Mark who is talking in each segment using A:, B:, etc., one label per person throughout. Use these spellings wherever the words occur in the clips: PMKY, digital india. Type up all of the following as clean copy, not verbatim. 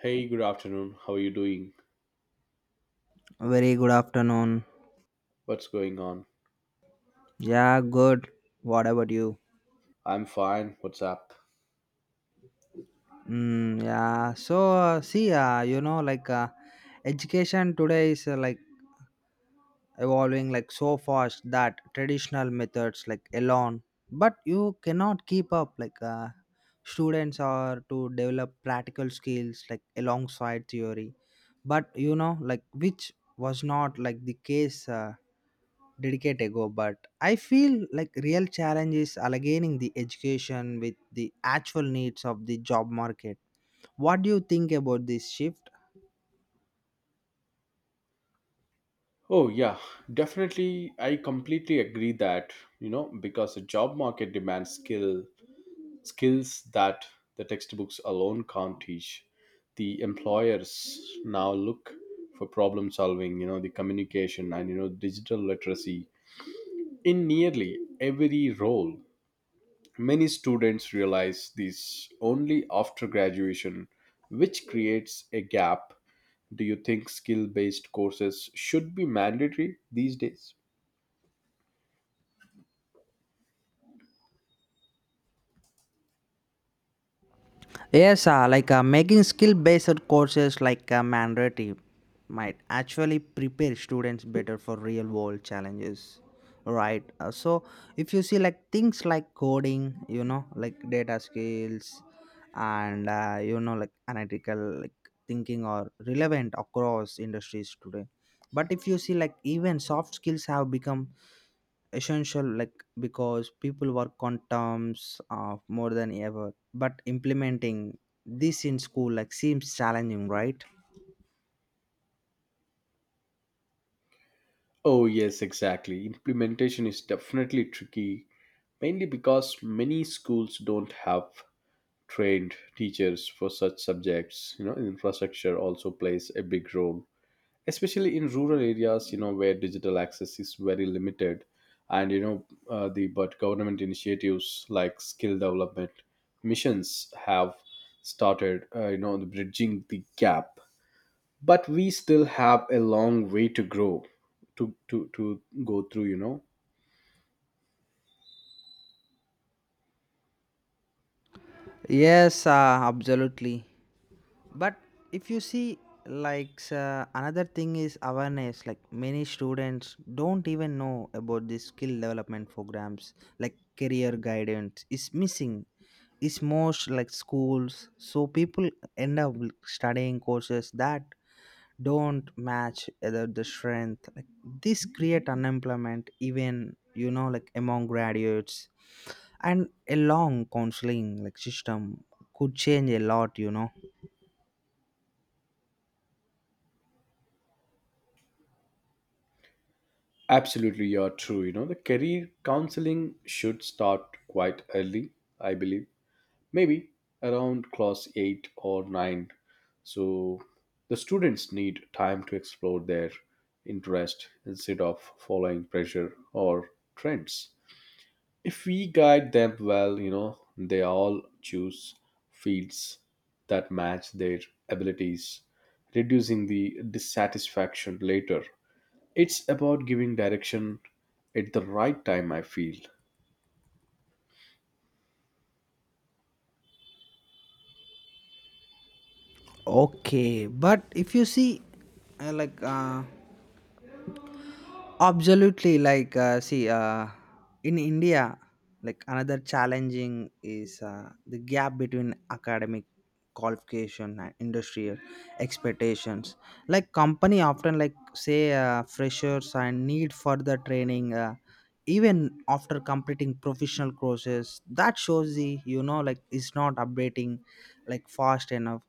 A: Hey, good afternoon. How are you doing?
B: Very good afternoon.
A: What's going on?
B: Yeah, good. What about you?
A: I'm fine. What's up?
B: Yeah. So see, you know, like education today is like evolving like so fast that traditional methods like alone, but you cannot keep up. Like, students are to develop practical skills like alongside theory, but you know, like which was not like the case. Dedicate ago but I feel like real challenge is aligning the education with the actual needs of the job market. What do you think about this shift?
A: Oh, yeah, definitely. I completely agree that, because the job market demands skills that the textbooks alone can't teach. The employers now look for problem solving, the communication and, digital literacy in nearly every role. Many students realize this only after graduation, which creates a gap. Do you think skill based courses should be mandatory these days?
B: Yes, making skill-based courses like mandatory might actually prepare students better for real-world challenges, right? So if you see like things like coding, you know, like data skills, and you know like analytical like thinking are relevant across industries today. But if you see like even soft skills have become essential, like because people work on terms of more than ever but implementing this in school like seems challenging, right?
A: Oh, yes, exactly. Implementation is definitely tricky, mainly because many schools don't have trained teachers for such subjects. You know, infrastructure also plays a big role, especially in rural areas, where digital access is very limited. And, you know, the but government initiatives like skill development missions have started, bridging the gap, but we still have a long way to grow, to go through.
B: Yes, absolutely. But if you see like another thing is awareness like many students don't even know about the skill development programs like career guidance is missing is most like schools so people end up studying courses that don't match either the strength like this create unemployment even you know like among graduates and a long counseling like system could change a lot, you know.
A: Absolutely, you're true. You know, the career counseling should start quite early, I believe, maybe around class 8 or 9. So the students need time to explore their interest instead of following pressure or trends. If we guide them well, they all choose fields that match their abilities, reducing the dissatisfaction later. It's about giving direction at the right time, I feel.
B: Okay, but if you see, uh, like uh, absolutely, like, see, in India, like another challenging is the gap between academic qualification and industrial expectations. Like company often like say freshers and need further training even after completing professional courses. That shows the you know like it's not updating like fast enough.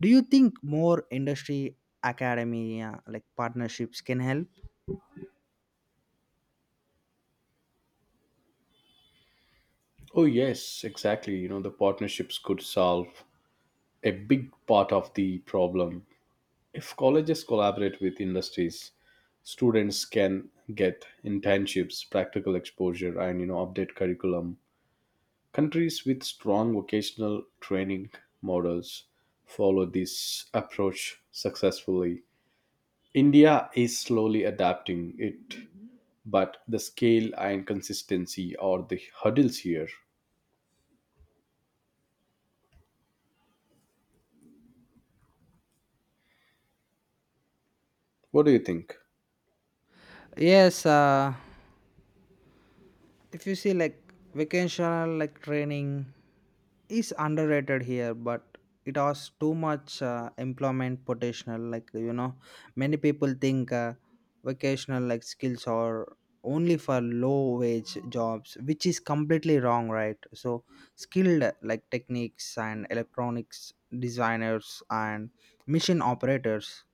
B: Do you think more industry academia like partnerships can help?
A: Oh, yes, exactly. You know, the partnerships could solve a big part of the problem. If colleges collaborate with industries, students can get internships, practical exposure, and, update curriculum. Countries with strong vocational training models follow this approach successfully. India is slowly adapting it, but the scale and consistency are the hurdles here. What do you think?
B: Yes, if you see like vocational like training is underrated here but it has too much employment potential like you know many people think vocational like skills are only for low wage jobs which is completely wrong, right? So skilled like techniques and electronics designers and machine operators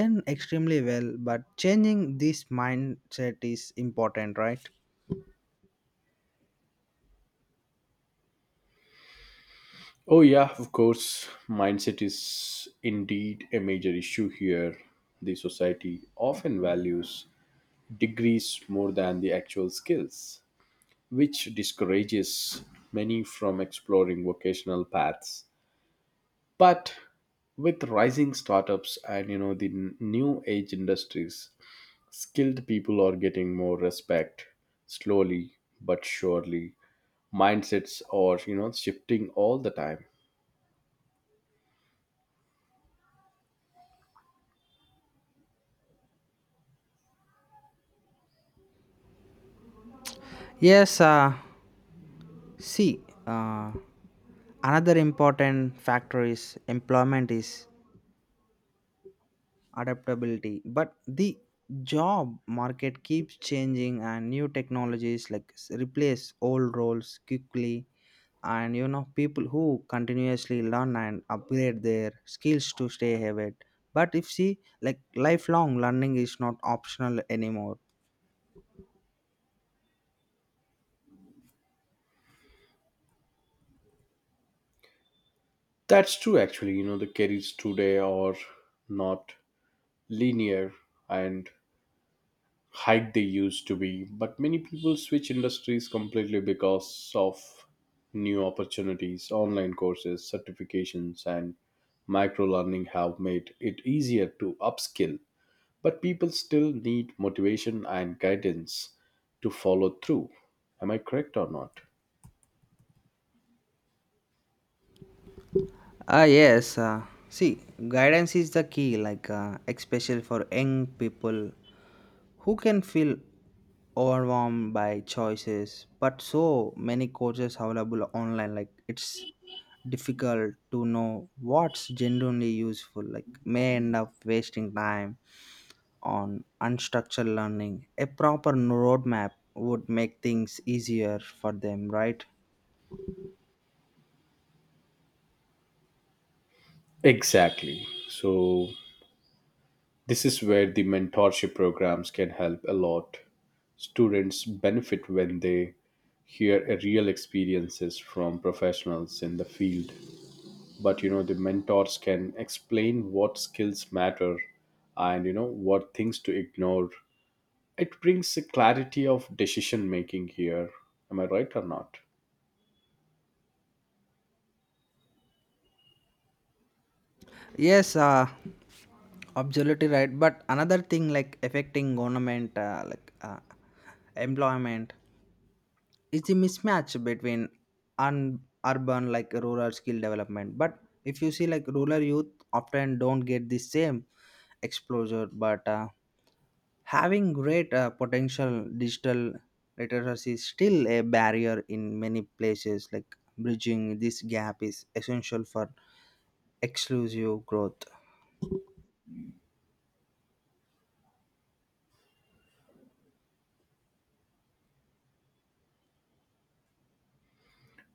B: earn extremely well but changing this mindset is important, right?
A: Oh, yeah, of course. Mindset is indeed a major issue here. The society often values degrees more than the actual skills, which discourages many from exploring vocational paths, but with rising startups and new age industries, skilled people are getting more respect, slowly but surely. Mindsets are, shifting all the time.
B: Yes. See, another important factor is employment is adaptability, but the job market keeps changing and new technologies replace old roles quickly and you know people who continuously learn and upgrade their skills to stay ahead but if see like lifelong learning is not optional anymore.
A: That's true, actually. You know, the careers today are not linear and height they used to be. But many people switch industries completely because of new opportunities. Online courses, certifications, and micro learning have made it easier to upskill, but people still need motivation and guidance to follow through. Am I correct or not?
B: Ah yes, see, guidance is the key, like especially for young people who can feel overwhelmed by choices but so many courses available online like it's difficult to know what's genuinely useful like may end up wasting time on unstructured learning. A proper roadmap would make things easier for them, right?
A: Exactly. So this is where the mentorship programs can help a lot. Students benefit when they hear a real experiences from professionals in the field. But you know, the mentors can explain what skills matter and what things to ignore. It brings a clarity of decision making here. Am I right or not?
B: Yes, absolutely right but another thing like affecting government employment, it's a mismatch between un- urban like rural skill development but if you see like rural youth often don't get the same exposure but having great potential digital literacy is still a barrier in many places like bridging this gap is essential for exclusive growth.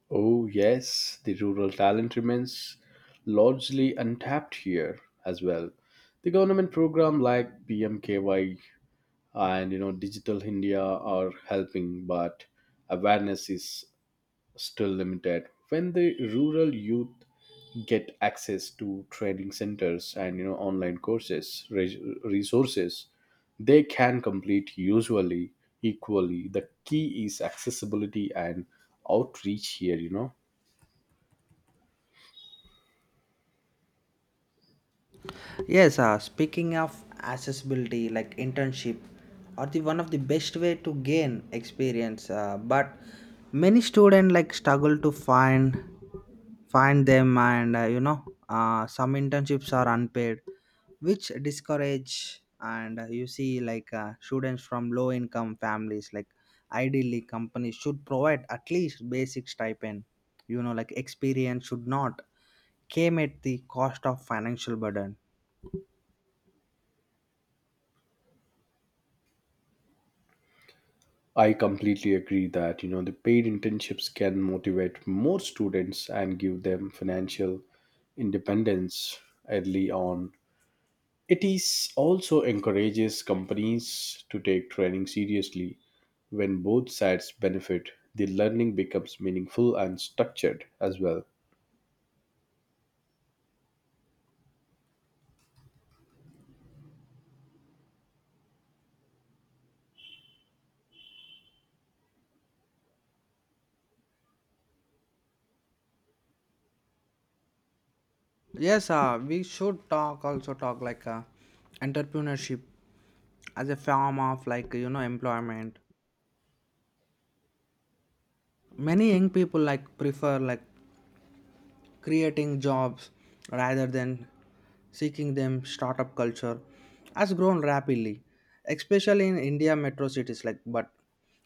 A: Oh, yes, the rural talent remains largely untapped here as well. The government program like PMKY and digital india are helping, but awareness is still limited. When the rural youth get access to training centers and online courses, resources, they can complete usually equally. The key is accessibility and outreach here.
B: Yes, speaking of accessibility, like internship are the one of the best way to gain experience. But many students like struggle to find them, and some internships are unpaid, which discourage. And you see, like students from low income families, like ideally companies should provide at least basic stipend. You know, like experience should not came at the cost of financial burden.
A: I completely agree that. The paid internships can motivate more students and give them financial independence early on. It is also encourages companies to take training seriously. When both sides benefit, the learning becomes meaningful and structured as well.
B: Yes, we should talk also talk like entrepreneurship as a form of like you know employment. Many young people like prefer like creating jobs rather than seeking them. Startup culture has grown rapidly, especially in India metro cities. Like, but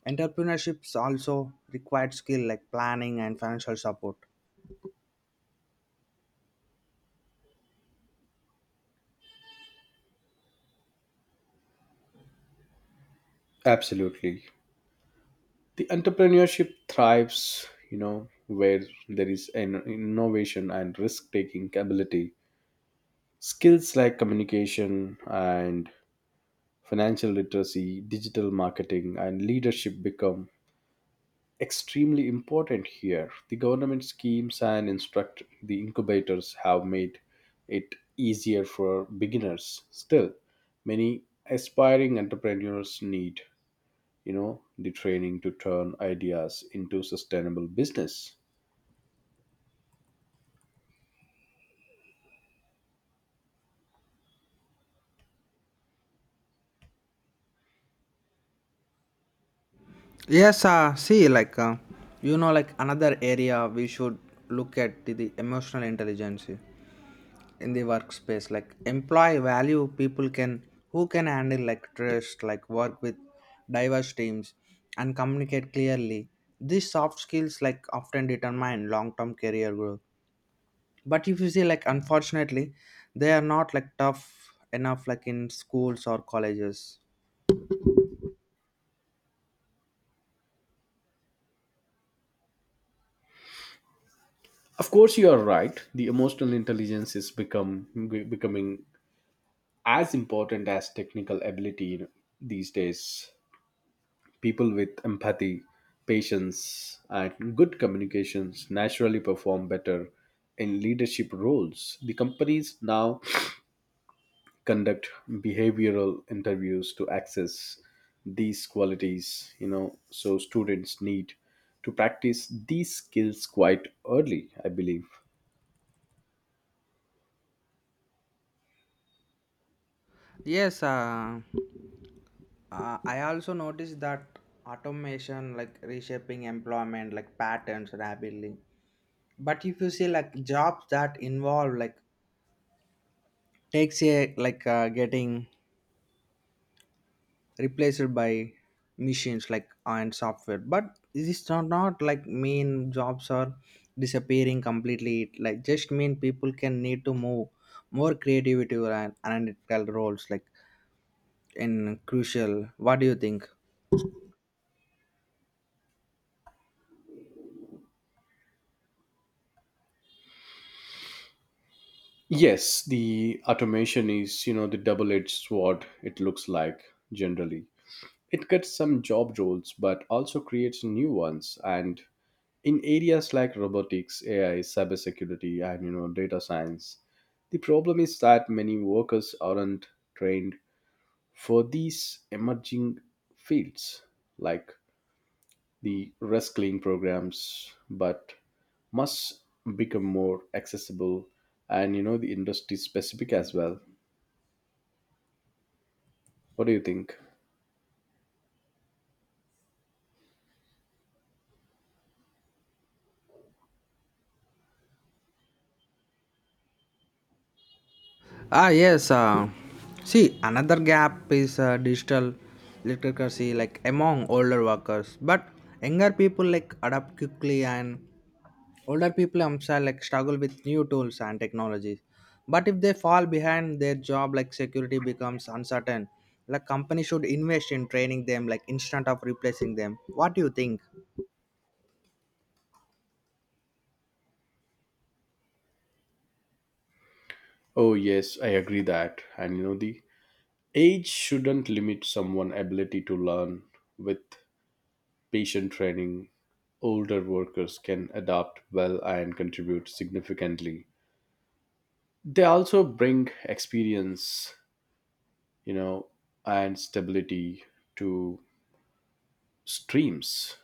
B: entrepreneurships also required skill like planning and financial support.
A: Absolutely. The entrepreneurship thrives, where there is an innovation and risk taking ability. Skills like communication and financial literacy, digital marketing, and leadership become extremely important here. The government schemes and instruct the incubators have made it easier for beginners. Still, many aspiring entrepreneurs need, the training to turn ideas into sustainable business.
B: Yes, see, you know, like another area we should look at the emotional intelligence. In the workspace like employee value people can who can handle like trust like work with diverse teams and communicate clearly. These soft skills like often determine long-term career growth but if you see like unfortunately they are not like tough enough like in schools or colleges.
A: Of course, you are right. The emotional intelligence is become becoming as important as technical ability these days. People with empathy, patience, and good communications naturally perform better in leadership roles. The companies now conduct behavioral interviews to access these qualities, so students need to practice these skills quite early, I believe.
B: Yes, I also noticed that automation like reshaping employment like patterns rapidly but if you see like jobs that involve like takes a like getting replaced by machines like and software but this not like mean jobs are disappearing completely. It, like just mean people can need to move more creativity and analytical roles like in crucial. What do you think?
A: Yes, the automation is, the double edged sword, it looks like generally. It cuts some job roles but also creates new ones and in areas like robotics, AI, cybersecurity, and data science. The problem is that many workers aren't trained for these emerging fields like the reskilling programs, but must become more accessible and, the industry specific as well. What do you think?
B: Ah, yes. See, another gap is digital literacy, like among older workers, but younger people like adapt quickly, and older people themselves like struggle with new tools and technologies. But if they fall behind, their job like security becomes uncertain. Like company should invest in training them, like instead of replacing them. What do you think?
A: Oh yes, I agree that. And you know the age shouldn't limit someone's ability to learn. With patient training, older workers can adapt well and contribute significantly. They also bring experience, you know, and stability to streams.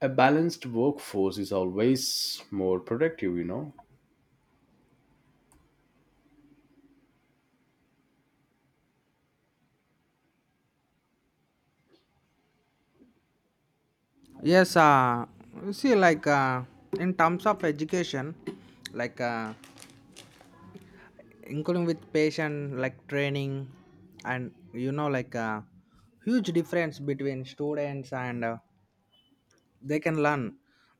A: A balanced workforce is always more productive, you know.
B: Yes, see, like in terms of education, like. Including with patient like training and you know like a huge difference between students and they can learn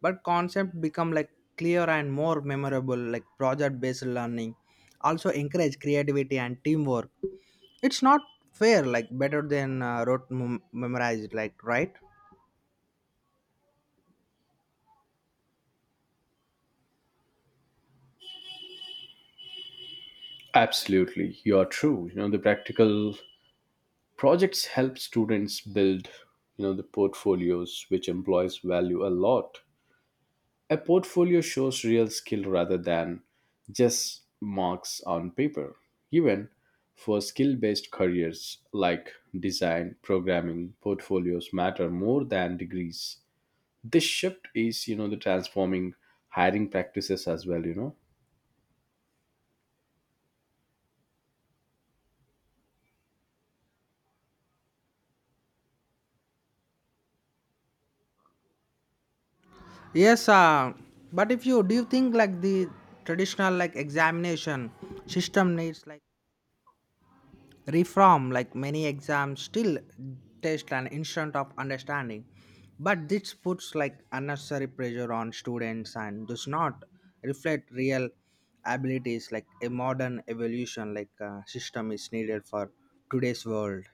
B: but concept become like clear and more memorable like project based learning also encourage creativity and teamwork. It's not fair like better than memorized like, right?
A: Absolutely, you are true. You know, the practical projects help students build, the portfolios which employees value a lot. A portfolio shows real skill rather than just marks on paper. Even for skill based careers like design, programming, portfolios matter more than degrees. This shift is, the transforming hiring practices as well, you know.
B: Yes, but if you do you think like the traditional like examination system needs like reform like many exams still test an instant of understanding but this puts like unnecessary pressure on students and does not reflect real abilities. Like a modern evolution like system is needed for today's world.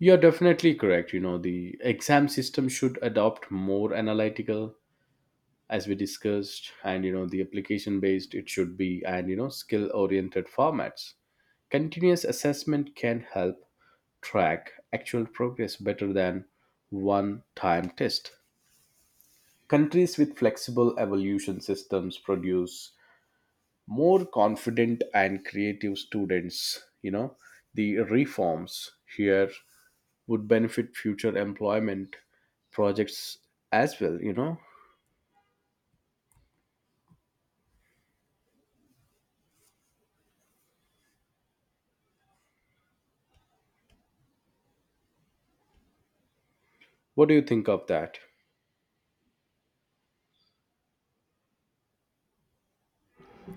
A: You're definitely correct. You know, the exam system should adopt more analytical, as we discussed, and the application based it should be, and skill oriented formats. Continuous assessment can help track actual progress better than one time test. Countries with flexible evolution systems produce more confident and creative students, you know. The reforms here would benefit future employment projects as well. What do you think of that?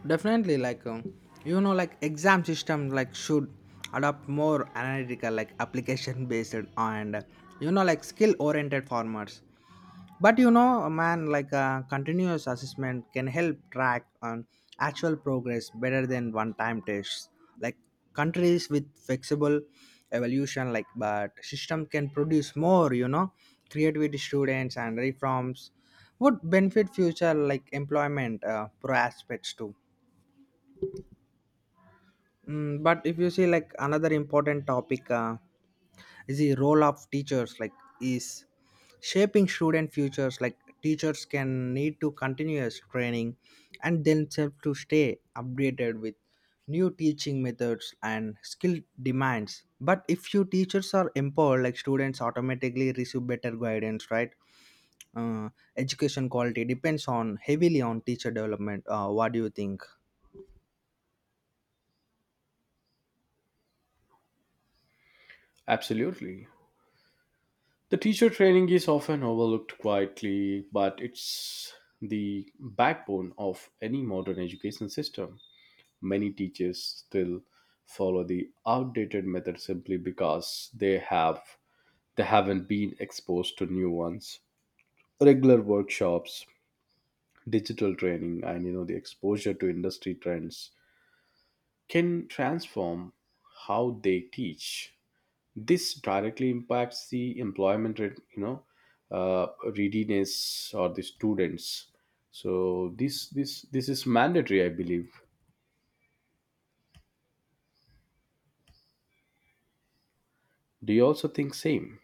B: Definitely like you know like exam system like should adopt more analytical like application based and you know like skill oriented formats but you know man like continuous assessment can help track on actual progress better than one time tests, like countries with flexible evolution like but system can produce more you know creativity students and reforms would benefit future like employment pro aspects too. But if you see like another important topic is the role of teachers like is shaping student futures like teachers can need to continuous training and themselves to stay updated with new teaching methods and skill demands but if few teachers are empowered like students automatically receive better guidance, right? uh, Education quality depends on heavily on teacher development. What do you think?
A: Absolutely. The teacher training is often overlooked quietly, but it's the backbone of any modern education system. Many teachers still follow the outdated method simply because they haven't been exposed to new ones. Regular workshops, digital training, and the exposure to industry trends can transform how they teach. This directly impacts the employment rate, uh, readiness or the students. So this is mandatory, I believe. Do you also think same?